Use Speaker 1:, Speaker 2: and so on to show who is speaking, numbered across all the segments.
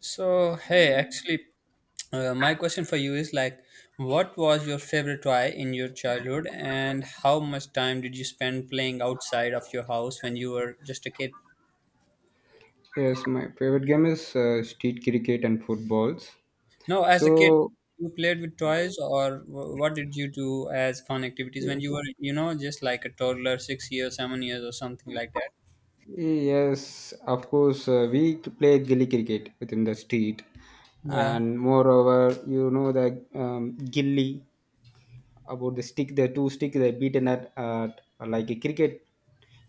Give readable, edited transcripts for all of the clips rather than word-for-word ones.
Speaker 1: So, hey, actually, my question for you is like, what was your favorite toy in your childhood, and how much time did you spend playing outside of your house when you were just a kid?
Speaker 2: Yes, my favorite game is street cricket and footballs.
Speaker 1: No, as a kid,
Speaker 2: So,
Speaker 1: you played with toys, or what did you do as fun activities when
Speaker 2: y-
Speaker 1: you were, you know, just like a toddler, 6 years, 7 years, or something like that?
Speaker 2: yes, of course, we play gully cricket within the street,
Speaker 1: Yeah,
Speaker 2: and moreover, you know the gilly about the stick, the two stick they beaten at like a cricket.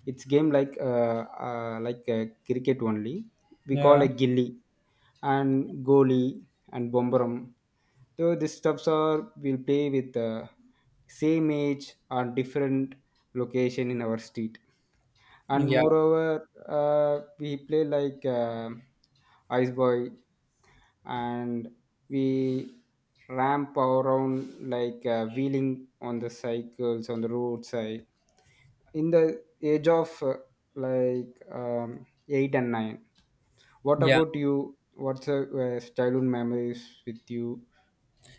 Speaker 2: It's game like a cricket only. We
Speaker 1: yeah,
Speaker 2: call a gilly and goalie and bomberum. So these stuffs are we'll play with the same age or different location in our street. And
Speaker 1: yeah,
Speaker 2: moreover, we play like Ice Boy and we ramp around like wheeling on the cycles on the roadside. In the age of like 8 and 9, what
Speaker 1: yeah.
Speaker 2: about you? What's the childhood memories with you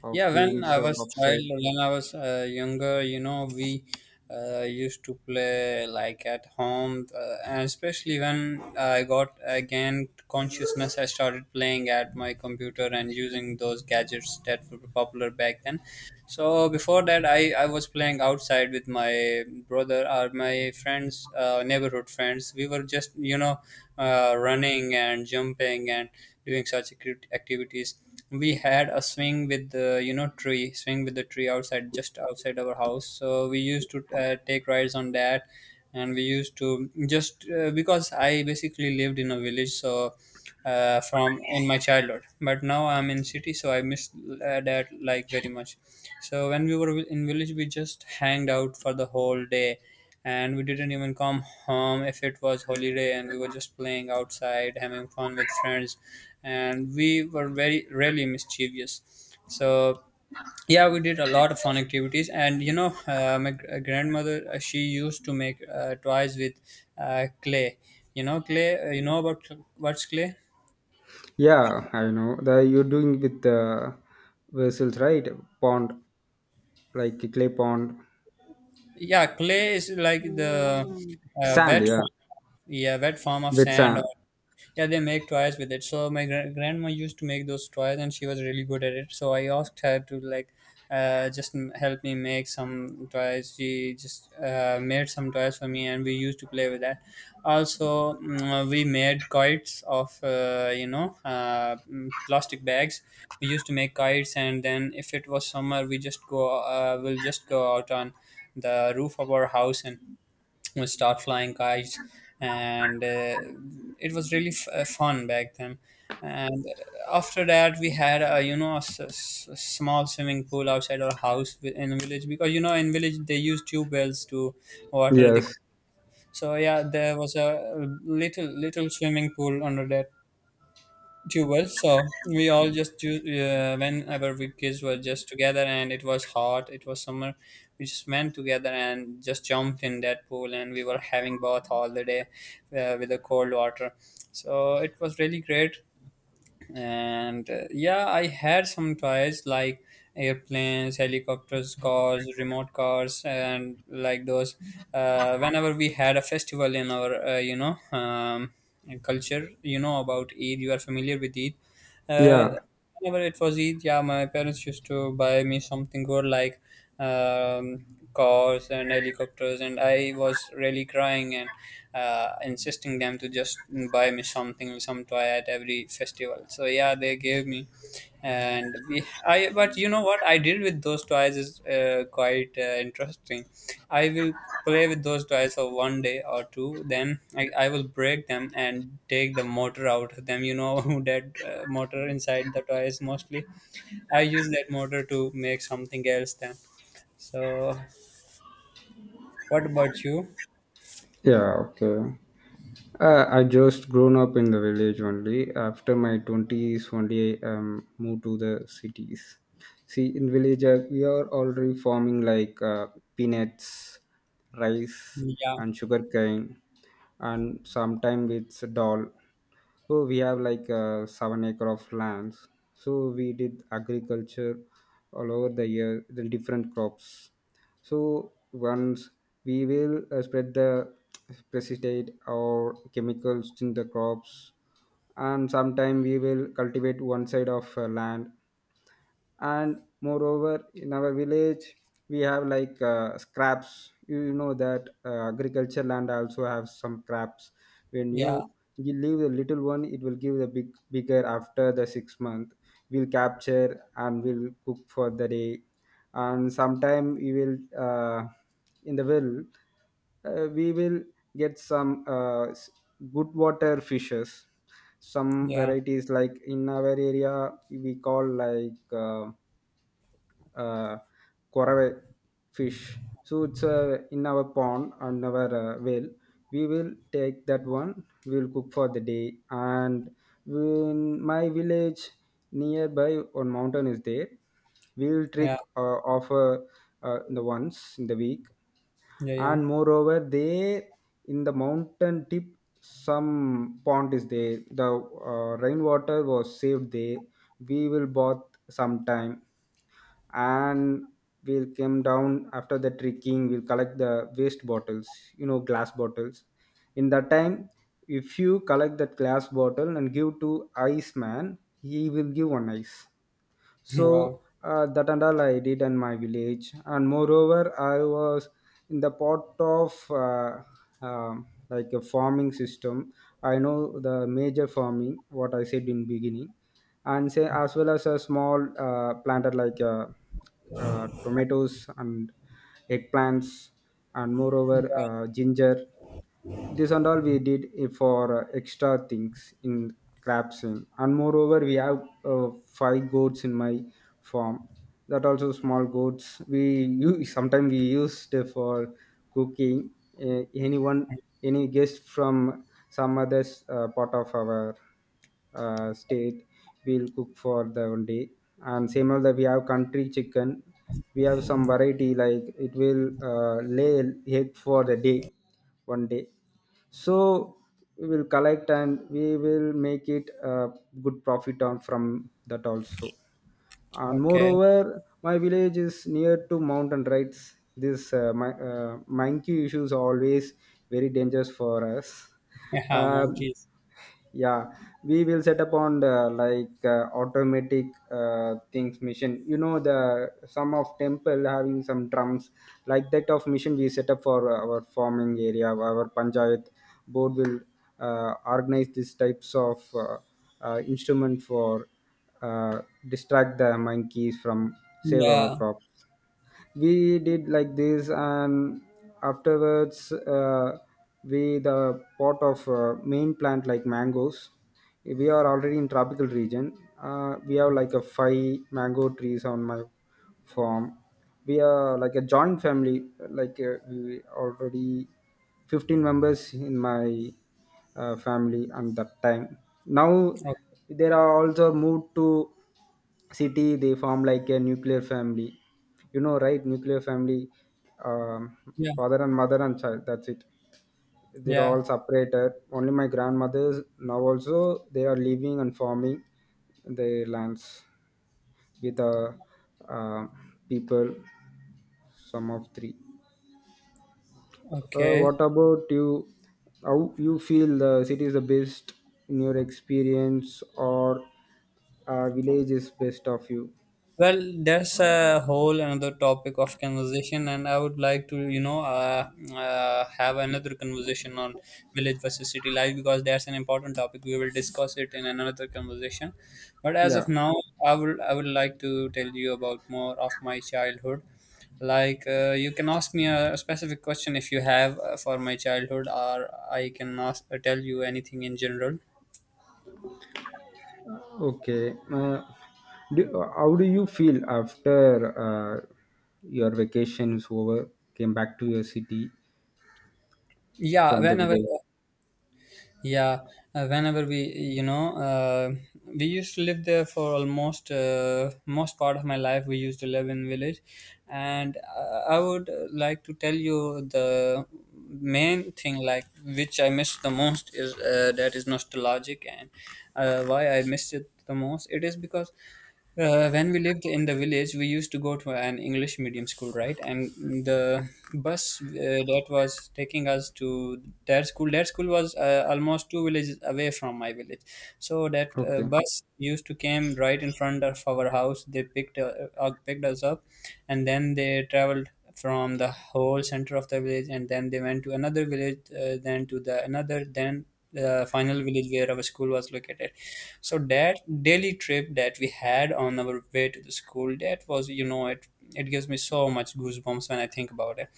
Speaker 2: of
Speaker 1: Yeah, when
Speaker 2: games
Speaker 1: I
Speaker 2: of
Speaker 1: was child,
Speaker 2: offside?
Speaker 1: when I was younger, you know, we used to play like at home, and especially when I got again consciousness, I started playing at my computer and using those gadgets that were popular back then. So before that, I was playing outside with my brother or my friends, neighborhood friends. We were just, you know, running and jumping and doing such activities. We had a swing with the, you know, tree, swing with the tree outside, just outside our house. So we used to take rides on that, and we used to just because I basically lived in a village, so from in my childhood, but now I'm in city, so I miss that like very much. So when we were in village, we just hanged out for the whole day, and we didn't even come home if it was holiday, and we were just playing outside having fun with friends. And we were very really mischievous, so yeah, we did a lot of fun activities. And you know, grandmother, she used to make toys with clay. You know clay, you know about, what's clay?
Speaker 2: Yeah, I know that you're doing with vessels, right? Pond, like a clay pond,
Speaker 1: Yeah, clay is like the uh,
Speaker 2: sand.
Speaker 1: wet,
Speaker 2: Yeah,
Speaker 1: yeah, wet form of
Speaker 2: with
Speaker 1: sand.
Speaker 2: sand.
Speaker 1: Yeah, they make toys with it. So grandma used to make those toys, and she was really good at it, so I asked her to like, help me make some toys. She just made some toys for me, and we used to play with that also. We made kites of, you know, plastic bags. We used to make kites, and then if it was summer, we just go, we'll just go out on the roof of our house and we start flying kites. And it was really fun back then. And after that we had, a you know, a small swimming pool outside our house, in the village, because you know, in village they use tube wells to water the.
Speaker 2: Yes.
Speaker 1: So yeah, there was a little swimming pool under that too well. So we all just do, whenever we kids were just together, and it was hot. It was summer. We just went together and just jumped in that pool, and we were having bath all the day with the cold water. So it was really great. And yeah, I had some toys like airplanes, helicopters, cars, remote cars, and like those. Whenever we had a festival in our, you know, culture, you know about eid, you are familiar with eid, uh,
Speaker 2: Yeah.
Speaker 1: whenever it was eid, yeah, my parents used to buy me something good like, um, cars and helicopters. And I was really crying and insisting them to just buy me something, some toy at every festival. So yeah, they gave me, and we, I. But you know what I did with those toys is quite interesting. I will play with those toys for one day or two, then I will break them and take the motor out of them. You know that motor inside the toys mostly. I use that motor to make something else then. So, what about you?
Speaker 2: Yeah. Okay. I just grown up in the village only. After my twenties, only I moved to the cities. See, in village, we are already farming like peanuts, rice,
Speaker 1: Yeah,
Speaker 2: and sugarcane, and sometimes it's dal. So we have like 7 acre of lands. So we did agriculture all over the year, the different crops. So once we will spread the pesticide or chemicals in the crops, and sometime we will cultivate one side of land, and moreover in our village we have like scraps, you know, that agriculture land also have some scraps. When
Speaker 1: yeah,
Speaker 2: you leave the little one, it will give the bigger after the 6 month. We'll capture and we'll cook for the day. And sometime we will, in the well, we will get some good water fishes, some
Speaker 1: yeah,
Speaker 2: varieties like in our area we call like uh, korave fish. So it's in our pond and our well, we will take that one, we will cook for the day. And in my village, nearby one mountain is there, we will
Speaker 1: yeah,
Speaker 2: trick offer the once in the week.
Speaker 1: yeah, yeah.
Speaker 2: And moreover there, in the mountain tip, some pond is there, the rainwater was saved there, we will bath sometime. And we'll come down after the trekking, we'll collect the waste bottles, you know, glass bottles. In that time, if you collect that glass bottle and give to ice man, he will give one ice.
Speaker 1: Wow.
Speaker 2: So that and all I did in my village. And moreover, I was in the part of like a farming system. I know the major farming, what I said in beginning, and say as well as a small planted like tomatoes and eggplants, and moreover ginger. This and all we did it for extra things in crabsing. And moreover we have five goats in my farm. That also small goats we use sometimes we used for cooking. Anyone, any guest from some other part of our state, we'll cook for the one day. And same as that, we have country chicken. We have some variety like it will lay egg for the day, one day. So we will collect and we will make it a good profit on from that also. And
Speaker 1: Okay.
Speaker 2: moreover, my village is near to mountain rights. This monkey issues are always very dangerous for us.
Speaker 1: Yeah,
Speaker 2: Um
Speaker 1: monkeys.
Speaker 2: yeah, we will set up on the like automatic things machine, you know, the some of temple having some drums, like that of machine we set up for our farming area. Our panchayat board will organize these types of instrument for uh, distract the monkeys from save our
Speaker 1: Yeah.
Speaker 2: crops. We did like this. And afterwards, uh, we the pot of main plant like mangoes, we are already in tropical region. We have like a five mango trees on my farm. We are like a joint family, like we already 15 members in my family. And that time, now
Speaker 1: Okay.
Speaker 2: there are also moved to city, they form like a nuclear family, you know, right, nuclear family, um,
Speaker 1: Yeah.
Speaker 2: father and mother and child, that's it, they're
Speaker 1: Yeah.
Speaker 2: all separated. Only my grandmothers now also they are living and farming their lands with the uh, people, some of three.
Speaker 1: Okay.
Speaker 2: What about you, how you feel the city is the best in your experience, or village is best of you?
Speaker 1: Well, that's a whole another topic of conversation, and I would like to, you know, have another conversation on village versus city life, because that's an important topic. We will discuss it in another conversation. But as
Speaker 2: Yeah.
Speaker 1: of now, I would like to tell you about more of my childhood. Like, you can ask me a specific question if you have for my childhood, or I can ask, tell you anything in general.
Speaker 2: Okay. How do you feel after your vacation is over, came back to your city
Speaker 1: Yeah,
Speaker 2: from the
Speaker 1: whenever.
Speaker 2: village?
Speaker 1: Yeah, whenever we, you know, we used to live there for almost, most part of my life. We used to live in village, and I would like to tell you the main thing like which I miss the most is that is nostalgic. And why I miss it the most. It is because when we lived in the village, we used to go to an English medium school, right? And the bus that was taking us to their school was almost two villages away from my village. So that
Speaker 2: Okay.
Speaker 1: bus used to came right in front of our house. They picked picked us up, and then they traveled from the whole center of the village, and then they went to another village, then to the another, then the final village where our school was located. So that daily trip that we had on our way to the school, that was, you know, it gives me so much goosebumps when I think about it.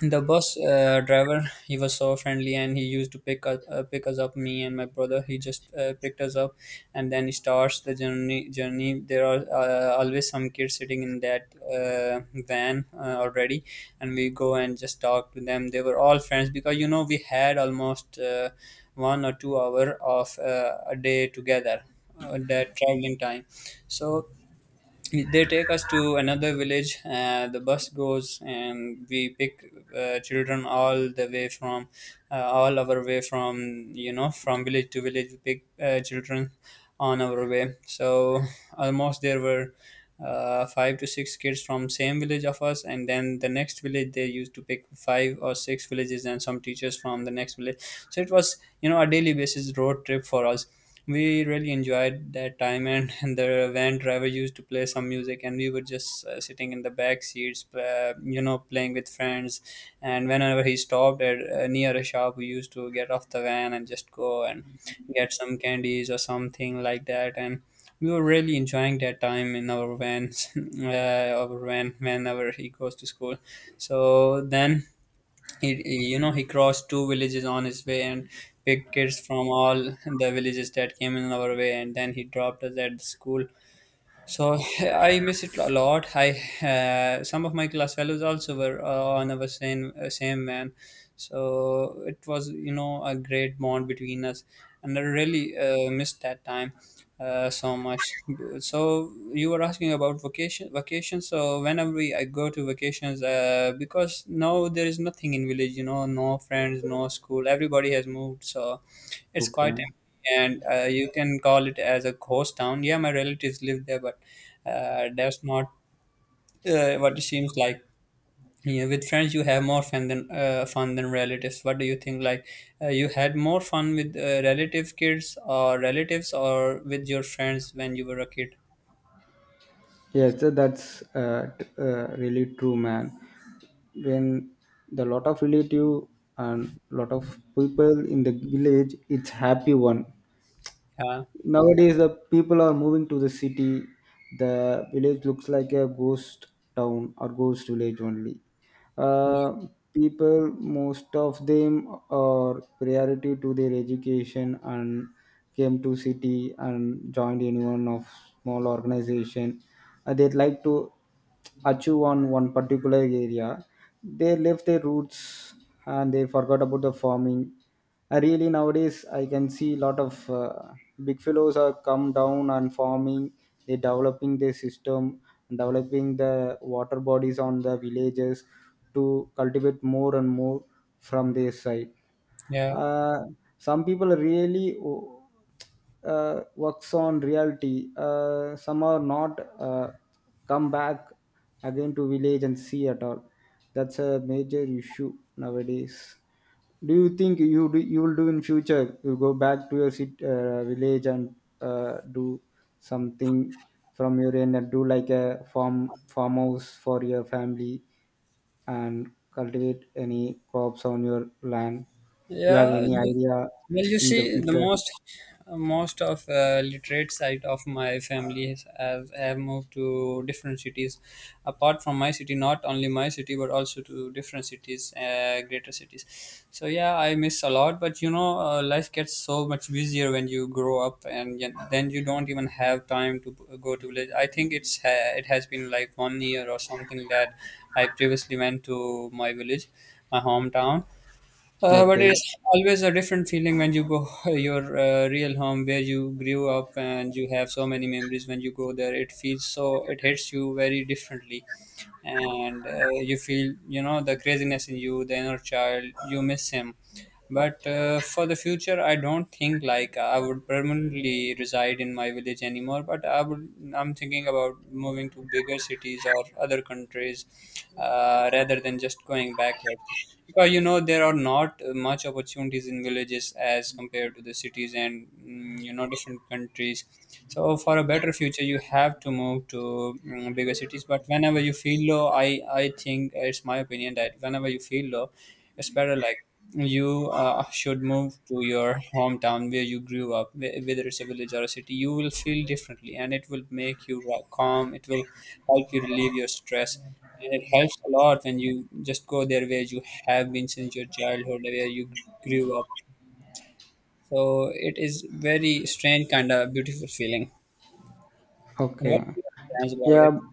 Speaker 1: The bus driver, he was so friendly, and he used to pick us up, me and my brother. He just picked us up, and then he starts the journey. There are always some kids sitting in that van already, and we go and just talk to them. They were all friends, because you know, we had almost 1 or 2 hour of a day together, that traveling time. So they take us to another village. The bus goes and we pick children all the way from, all our way from, you know, from village to village, we pick children on our way. So almost there were five to six kids from same village of us, and then the next village they used to pick five or six villages and some teachers from the next village. So it was, you know, a daily basis road trip for us. We really enjoyed that time. And, and the van driver used to play some music, and we were just sitting in the back seats, you know, playing with friends. And whenever he stopped at near a shop, we used to get off the van and just go and get some candies or something like that. And we were really enjoying that time in our vans. uh, our van, whenever he goes to school, so then he, you know, he crossed two villages on his way and picked kids from all the villages that came in our way, and then he dropped us at the school. So I miss it a lot. I, some of my class fellows also were on our same van, so it was, you know, a great bond between us, and I really missed that time so much. So you were asking about vacation. So whenever we, I go to vacations, because now there is nothing in village, you know, no friends, no school. Everybody has moved, so it's quite
Speaker 2: Okay.
Speaker 1: empty, and you can call it as a ghost town. Yeah, my relatives live there, but that's not what it seems like. Yeah, with friends you have more fun than relatives. What do you think? Like, you had more fun with relative kids or relatives or with your friends when you were a kid?
Speaker 2: Yes, so that's really true, man. When the lot of relative and lot of people in the village, it's happy one.
Speaker 1: Yeah,
Speaker 2: Nowadays the people are moving to the city, the village looks like a ghost town or ghost village only. uh, people, most of them are priority to their education and came to city and joined in one of small organization. They'd like to achieve on one particular area, they left their roots and they forgot about the farming. Really, nowadays I can see a lot of big fellows are come down and farming, they developing their system, developing the water bodies on the villages to cultivate more and more from their side.
Speaker 1: yeah.
Speaker 2: uh, some people really works on reality, some are not come back again to village and see at all. That's a major issue nowadays. Do you think you will do in future, you go back to your city, village and do something from your end and do like a farmhouse for your family and cultivate any crops on your land? You have
Speaker 1: Yeah,
Speaker 2: any
Speaker 1: you,
Speaker 2: idea
Speaker 1: well, you
Speaker 2: in the
Speaker 1: see, the
Speaker 2: future?
Speaker 1: most of literate side of my family has have moved to different cities, apart from my city. Not only my city, but also to different cities, greater cities. So yeah, I miss a lot. But you know, life gets so much busier when you grow up, and then you don't even have time to go to village. I think it has been like 1 year or something that I previously went to my village, my hometown, but
Speaker 2: Okay.
Speaker 1: it's always a different feeling when you go your real home where you grew up and you have so many memories. When you go there, it feels so, it hits you very differently. And you feel, you know, the craziness in you, the inner child, you miss him. But for the future, I don't think like I would permanently reside in my village anymore, but I'm thinking about moving to bigger cities or other countries, rather than just going backwards. Because you know, there are not much opportunities in villages as compared to the cities and, you know, different countries. So for a better future you have to move to bigger cities. But whenever you feel low, I think it's my opinion that whenever you feel low, it's better like you should move to your hometown where you grew up, whether it's a village or a city. You will feel differently, and it will make you calm. It will help you relieve your stress, and it helps a lot when you just go there where you have been since your childhood, where you grew up. So it is very strange kind of beautiful feeling. And what
Speaker 2: Okay.
Speaker 1: are your plans about
Speaker 2: Yeah,
Speaker 1: it?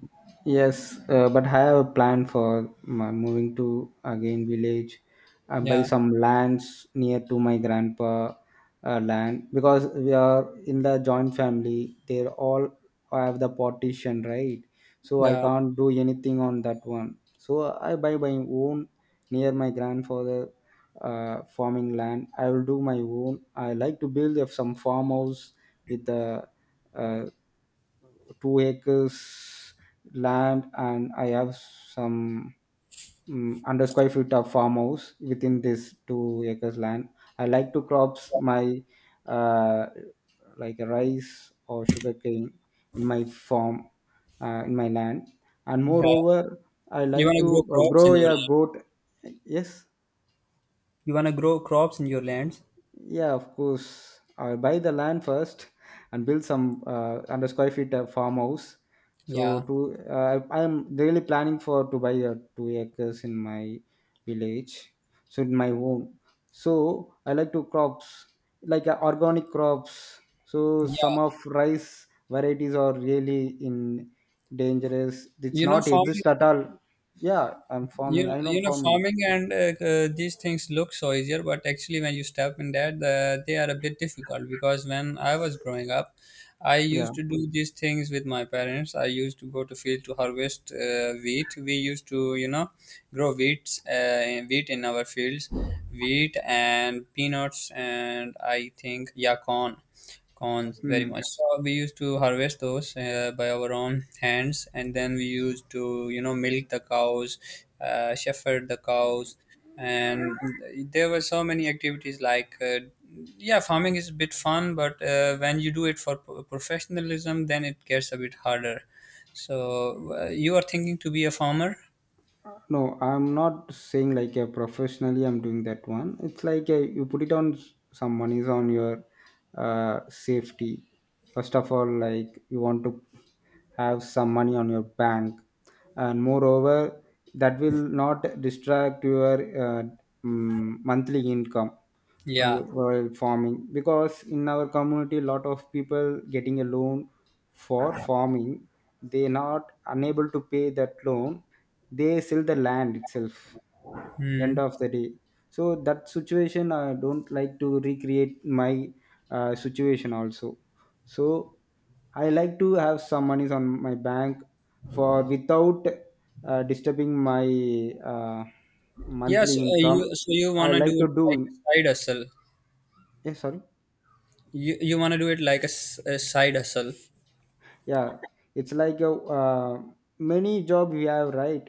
Speaker 2: yes, but I have a plan for my moving to again village, buy
Speaker 1: Yeah,
Speaker 2: some lands near to my grandpa land, because we are in the joint family. They all have the partition, right? So I
Speaker 1: yeah,
Speaker 2: can't do anything on that one. So I buy my own near my grandfather farming land. I will do my own. I like to build some farmhouse with the uh, 2 acres land, and I have some under square feet of farmhouse within this 2 acres land. I like to crops my uh, like rice or sugarcane in my farm, in my land. And
Speaker 1: yeah.
Speaker 2: moreover, I
Speaker 1: You want
Speaker 2: like
Speaker 1: to grow
Speaker 2: to
Speaker 1: crops
Speaker 2: grow
Speaker 1: in your
Speaker 2: a
Speaker 1: land.
Speaker 2: goat. Yes.
Speaker 1: You want to grow crops in your lands.
Speaker 2: Yeah, of course. I'll buy the land first and build some under square feet farmhouse. So
Speaker 1: Yeah,
Speaker 2: to, I am really planning for to buy 2 acres in my village, so in my home. So I like to crops like organic crops. So
Speaker 1: yeah.
Speaker 2: some of rice varieties are really in dangerous. It's
Speaker 1: You know,
Speaker 2: not
Speaker 1: farming,
Speaker 2: exist at all. Yeah, I'm
Speaker 1: you
Speaker 2: farming.
Speaker 1: know,
Speaker 2: I know farming.
Speaker 1: farming and these things look so easier, but actually when you step in that, they are a bit difficult. Because when I was growing up, I
Speaker 2: Yeah.
Speaker 1: used to do these things with my parents. I used to go to field to harvest wheat. We used to, you know, grow wheats, wheat in our fields, wheat and peanuts and I think, yeah, corn. Corns, very much.
Speaker 2: Hmm.
Speaker 1: So we used to harvest those by our own hands, and then we used to, you know, milk the cows, shepherd the cows, and there were so many activities like, yeah, farming is a bit fun, but when you do it for professionalism, then it gets a bit harder. So you are thinking to be a farmer?
Speaker 2: No, I'm not saying like a professionally I'm doing that one, it's like a, you put it on some monies on your safety first of all, like you want to have some money on your bank, and moreover that will not distract your monthly income. Yeah,
Speaker 1: Yeah.
Speaker 2: while farming, because in our community lot of people getting a loan for farming, they not unable to pay that loan, they sell the land itself end
Speaker 1: Hmm.
Speaker 2: of the day. So that situation I don't like to recreate my situation also. So I like to have some monies on my bank for without disturbing my
Speaker 1: Yes,
Speaker 2: monthly income.
Speaker 1: you, so you
Speaker 2: I
Speaker 1: wanna do
Speaker 2: like to
Speaker 1: it
Speaker 2: do,
Speaker 1: like a side hustle.
Speaker 2: yes, sorry.
Speaker 1: You wanna do it like a, a side hustle.
Speaker 2: Yeah, it's like a uh, many job we have, right?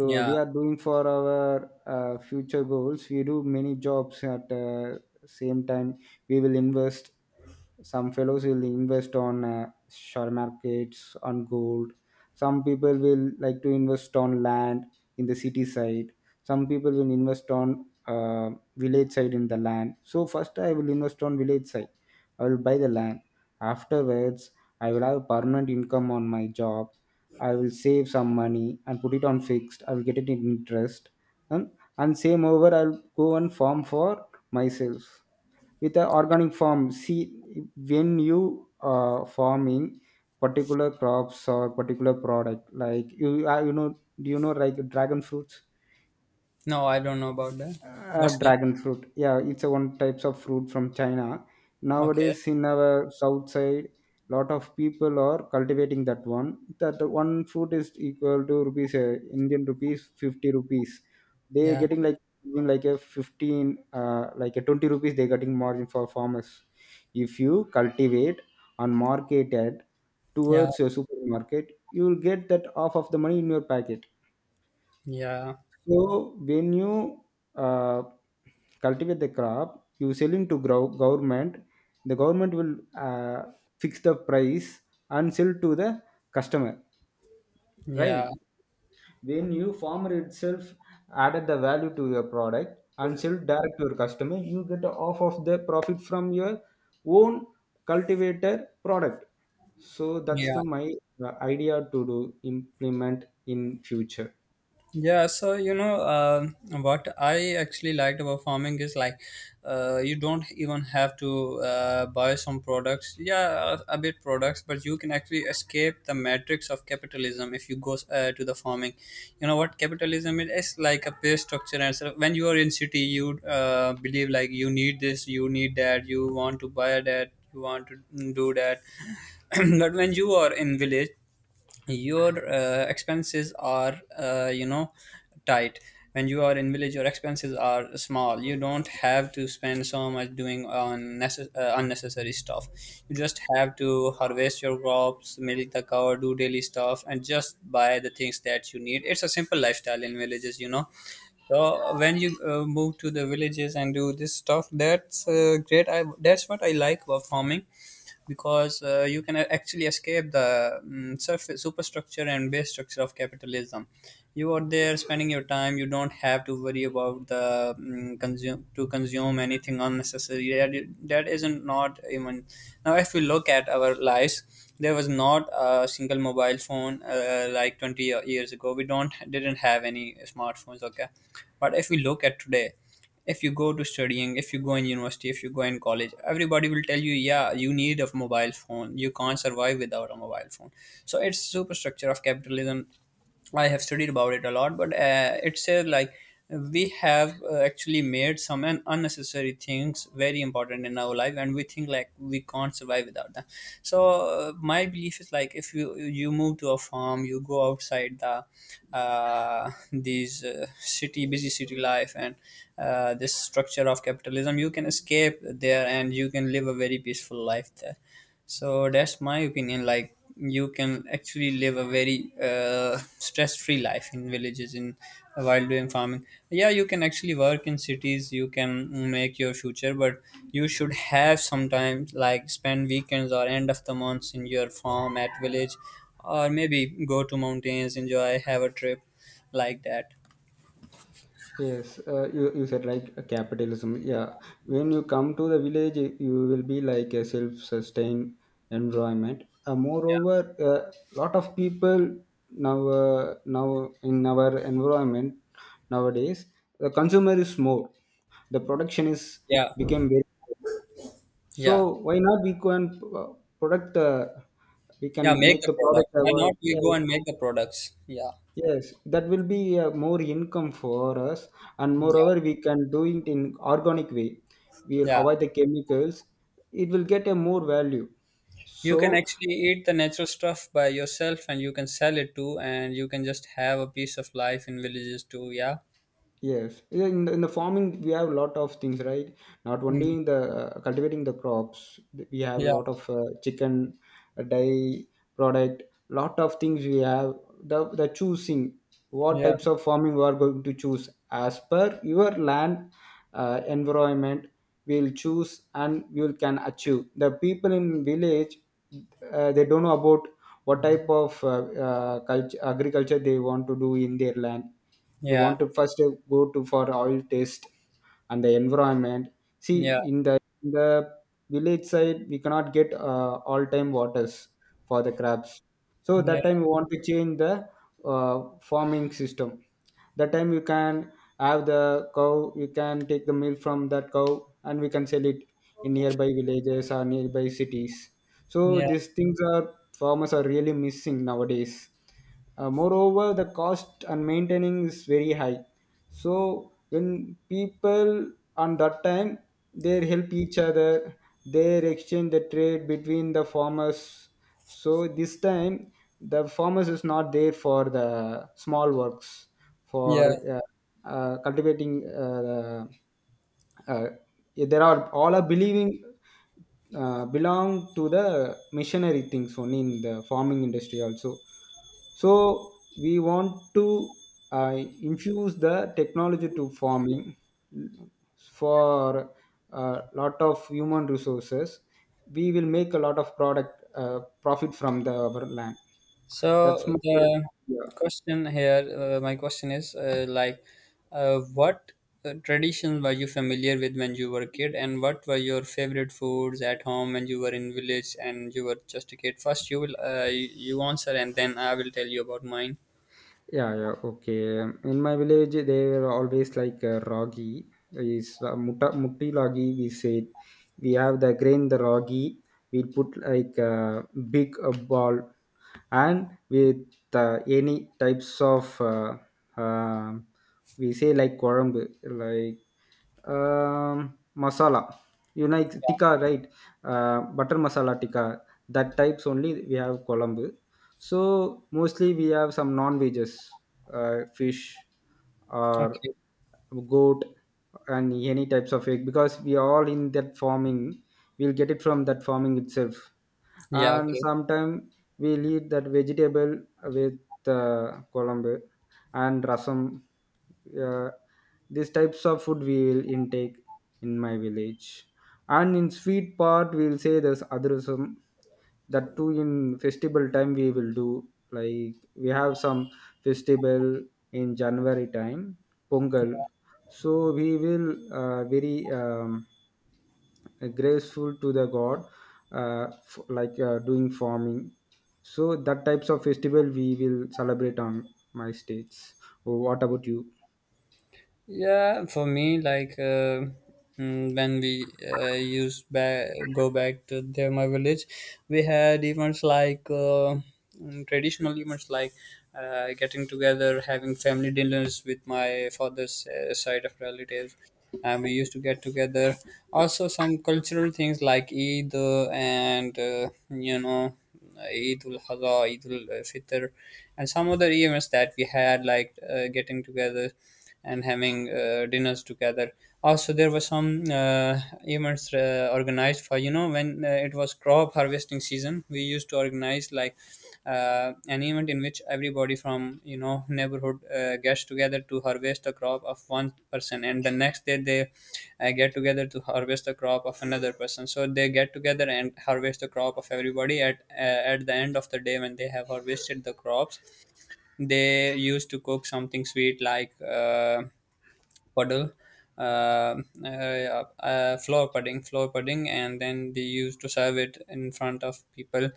Speaker 2: So
Speaker 1: Yeah.
Speaker 2: we are doing for our future goals, we do many jobs at same time. We will invest, some fellows will invest on share markets, on gold. Some people will like to invest on land in the city side, some people will invest on uh, village side in the land. So first I will invest on village side, I will buy the land afterwards. I will have permanent income on my job. I will save some money and put it on fixed. I will get it in interest. And, and same over, I'll go and farm for myself. With the organic farm, see, when you farming particular crops or particular product, like you, you know, do you know like dragon fruits?
Speaker 1: No, I don't know about that. What's that?
Speaker 2: Dragon fruit, yeah, it's a one types of fruit from china.
Speaker 1: Okay.
Speaker 2: Nowadays in our south side, lot of people are cultivating that one. That one fruit is equal to rupees, indian rupees 50 rupees, they
Speaker 1: Yeah.
Speaker 2: getting like, in like a 15, like a 20 rupees they getting margin for farmers. If you cultivate and market it
Speaker 1: Yeah.
Speaker 2: towards your supermarket, you will get that half of the money in your packet.
Speaker 1: Yeah.
Speaker 2: So when you uh, cultivate the crop, you selling to grow government. The government will fix the price and sell to the customer,
Speaker 1: Yeah.
Speaker 2: right? When you farmer itself added the value to your product and sell direct to your customer, you get off of the profit from your own cultivator product. So that's
Speaker 1: Yeah.
Speaker 2: the my idea to do implement in future.
Speaker 1: Yeah. so you know, what I actually liked about farming is like, you don't even have to buy some products, yeah, a bit products, but you can actually escape the matrix of capitalism if you go to the farming. You know what capitalism is? It's like a pay structure, and so when you are in city, you believe like you need this, you need that, you want to buy that, you want to do that, but when you are in village your expenses are, you know, tight. When you are in village, your expenses are small. You don't have to spend so much doing on unnecessary stuff. You just have to harvest your crops, milk the cow, do daily stuff, and just buy the things that you need. It's a simple lifestyle in villages, you know. So when you move to the villages and do this stuff, that's great. I, that's what I like about farming, because you can actually escape the surface superstructure and base structure of capitalism. You are there spending your time. You don't have to worry about the consume to consume anything unnecessary that, that isn't not even. Now if we look at our lives, there was not a single mobile phone like 20 years ago. We don't didn't have any smartphones, okay. But if we look at today, if you go to studying, if you go in university, if you go in college, everybody will tell you, yeah, you need a mobile phone, you can't survive without a mobile phone. So it's superstructure of capitalism. I have studied about it a lot, but it says like we have actually made some unnecessary things very important in our life, and we think like we can't survive without them. So my belief is like if you move to a farm, you go outside the these city, busy city life and this structure of capitalism, you can escape there and you can live a very peaceful life there. So that's my opinion. Like you can actually live a very stress-free life in villages, in while doing farming. Yeah, you can actually work in cities. You can make your future, but you should have sometimes like spend weekends or end of the months in your farm at village, or maybe go to mountains, enjoy, have a trip like that.
Speaker 2: Yes, you said like capitalism. Yeah, when you come to the village, you will be like a self-sustained environment. Moreover, a lot of people now in our environment nowadays, the consumer is more. The production is
Speaker 1: Yeah,
Speaker 2: became very.
Speaker 1: yeah,
Speaker 2: So why not we can product the we
Speaker 1: yeah.
Speaker 2: can
Speaker 1: Make
Speaker 2: make
Speaker 1: the
Speaker 2: the product
Speaker 1: product. Why
Speaker 2: our.
Speaker 1: not? We go
Speaker 2: Yes,
Speaker 1: and make the products. Yeah,
Speaker 2: yes, that will be more income for us, and
Speaker 1: yeah,
Speaker 2: moreover, we can do it in organic way. We'll
Speaker 1: yeah.
Speaker 2: avoid the chemicals. It will get a more value.
Speaker 1: You can
Speaker 2: So
Speaker 1: actually eat the natural stuff by yourself and you can sell it too, and you can just have a piece of life in villages too. Yeah.
Speaker 2: yes, yeah, in the farming we have a lot of things, right? Not only
Speaker 1: Mm.
Speaker 2: in the cultivating the crops, we have a
Speaker 1: Yeah.
Speaker 2: lot of chicken, dairy product, lot of things we have. The choosing what
Speaker 1: Yeah.
Speaker 2: types of farming we are going to choose as per your land environment, we'll choose and we will can achieve. The people in village, they don't know about what type of culture, agriculture they want to do in their land. We
Speaker 1: Yeah.
Speaker 2: want to first go to for oil taste and the environment. See,
Speaker 1: Yeah.
Speaker 2: in the village side we cannot get all time waters for the crabs. So
Speaker 1: Yeah.
Speaker 2: that time we want to change the farming system. That time you can have the cow, you can take the milk from that cow, and we can sell it in nearby villages or nearby cities. So
Speaker 1: Yeah.
Speaker 2: these things are farmers are really missing nowadays. Moreover, the cost and maintaining is very high. So when people on that time, they help each other, they exchange the trade between the farmers. So this time the farmers is not there for the small works
Speaker 1: Yeah.
Speaker 2: for cultivating uh, yeah, there are all are believing belong to the missionary things only in the farming industry also. So we want to uh, infuse the technology to farming for a lot of human resources. We will make a lot of product profit from the our land. That's
Speaker 1: So
Speaker 2: my.
Speaker 1: the
Speaker 2: Yeah.
Speaker 1: question here, my question is, like, what traditions were you familiar with when you were a kid, and what were your favorite foods at home when you were in village and you were just a kid? First, you will you answer, and then I will tell you about mine.
Speaker 2: Yeah, yeah, okay. In my village, they were always like ragi is mutta mutti ragi. We said we have the grain the ragi. We put like a big ball, and with any types of um we say like korambu, like masala, you know it's tikka, right? Butter masala tikka, that types only we have colombo. So mostly we have some non veggies, fish or
Speaker 1: Okay.
Speaker 2: goat, and any types of egg because we are all in that farming. We'll get it from that farming itself.
Speaker 1: Yeah.
Speaker 2: And
Speaker 1: Okay.
Speaker 2: sometime we'll eat that vegetable with uh, colombo and rasam. Uh, these types of food we will intake in my village. And in sweet part, we'll say there's adrasam. That too in festival time we will do. Like we have some festival in January time, Pongal. So we will very graceful to the god, like doing farming. So that types of festival we will celebrate on my states. Oh, what about you?
Speaker 1: Yeah, for me, like when we used back go back to there, my village, we had events like traditional events like getting together, having family dinners with my father's side of relatives, and we used to get together. Also, some cultural things like Eid, and you know, Eid ul Adha, Eid ul Fitr, and some other events that we had like getting together and having dinners together. Also, there were some events organized for, you know, when it was crop harvesting season. We used to organize like an event in which everybody from, you know, neighborhood gets together to harvest a crop of one person, and the next day they get together to harvest a crop of another person. So they get together and harvest the crop of everybody. At the end of the day, when they have harvested the crops, they used to cook something sweet like. Puddle, uh, uh, floor pudding, and then they used to serve it in front of people,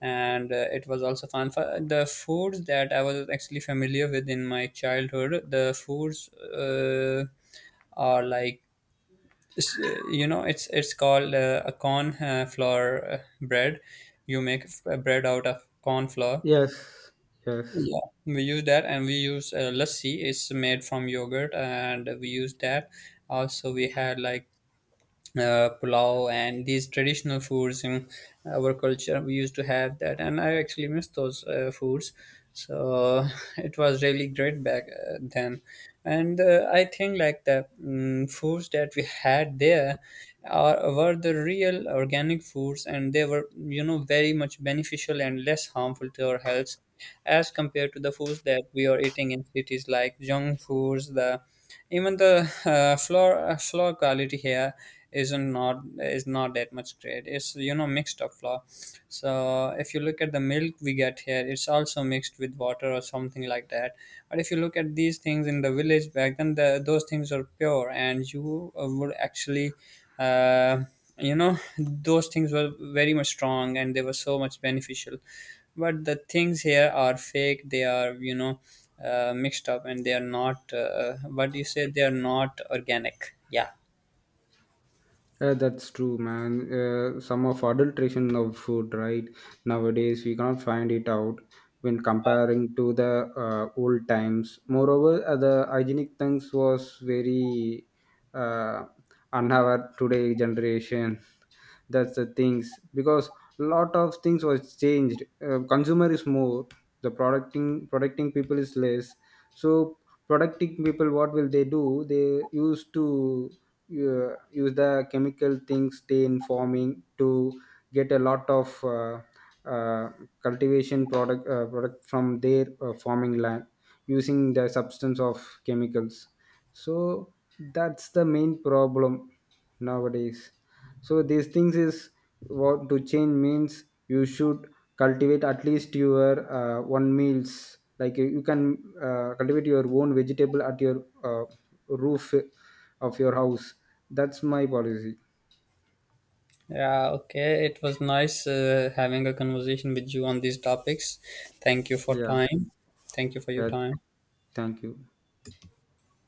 Speaker 1: and it was also fun. For the foods that I was actually familiar with in my childhood, the foods are like, s- you know, it's called a corn flour bread. You make bread out of corn flour.
Speaker 2: Yes, yes.
Speaker 1: Yeah, we use that, and we use lassi. It's made from yogurt, and we use that. Also, we had like pulao and these traditional foods in our culture. We used to have that, and I actually miss those foods. So it was really great back then. And I think like the, foods that we had there are, were the real organic foods, and they were, you know, very much beneficial and less harmful to our health as compared to the foods that we are eating in cities like junk foods. The, even the floor quality here isn't not is not that much great. It's, you know, mixed up flour. So if you look at the milk we get here, it's also mixed with water or something like that. But if you look at these things in the village back then, the, those things are pure, and you would actually. Uh, you know, those things were very much strong and they were so much beneficial, but the things here are fake. They are, you know, mixed up, and they are not, what do you say, they are not organic, yeah.
Speaker 2: That's true, man. Some of adulteration of food, right? Nowadays we cannot find it out when comparing to the old times. Moreover, the hygienic things was very uh, unaware today generation. That's the things because lot of things was changed. Consumer is more, the producting protecting people is less. So protecting people, what will they do? They used to use the chemical things they in farming to get a lot of uh, cultivation product from their farming land, using the substance of chemicals. So that's the main problem nowadays. So these things is what to change means you should cultivate at least your one meals. Like, you can cultivate your own vegetable at your uh, roof of your house. That's my policy.
Speaker 1: Yeah, okay. It was nice having a conversation with you on these topics. Thank you for
Speaker 2: Yeah,
Speaker 1: time. Thank you for your
Speaker 2: yeah,
Speaker 1: time.
Speaker 2: thank you.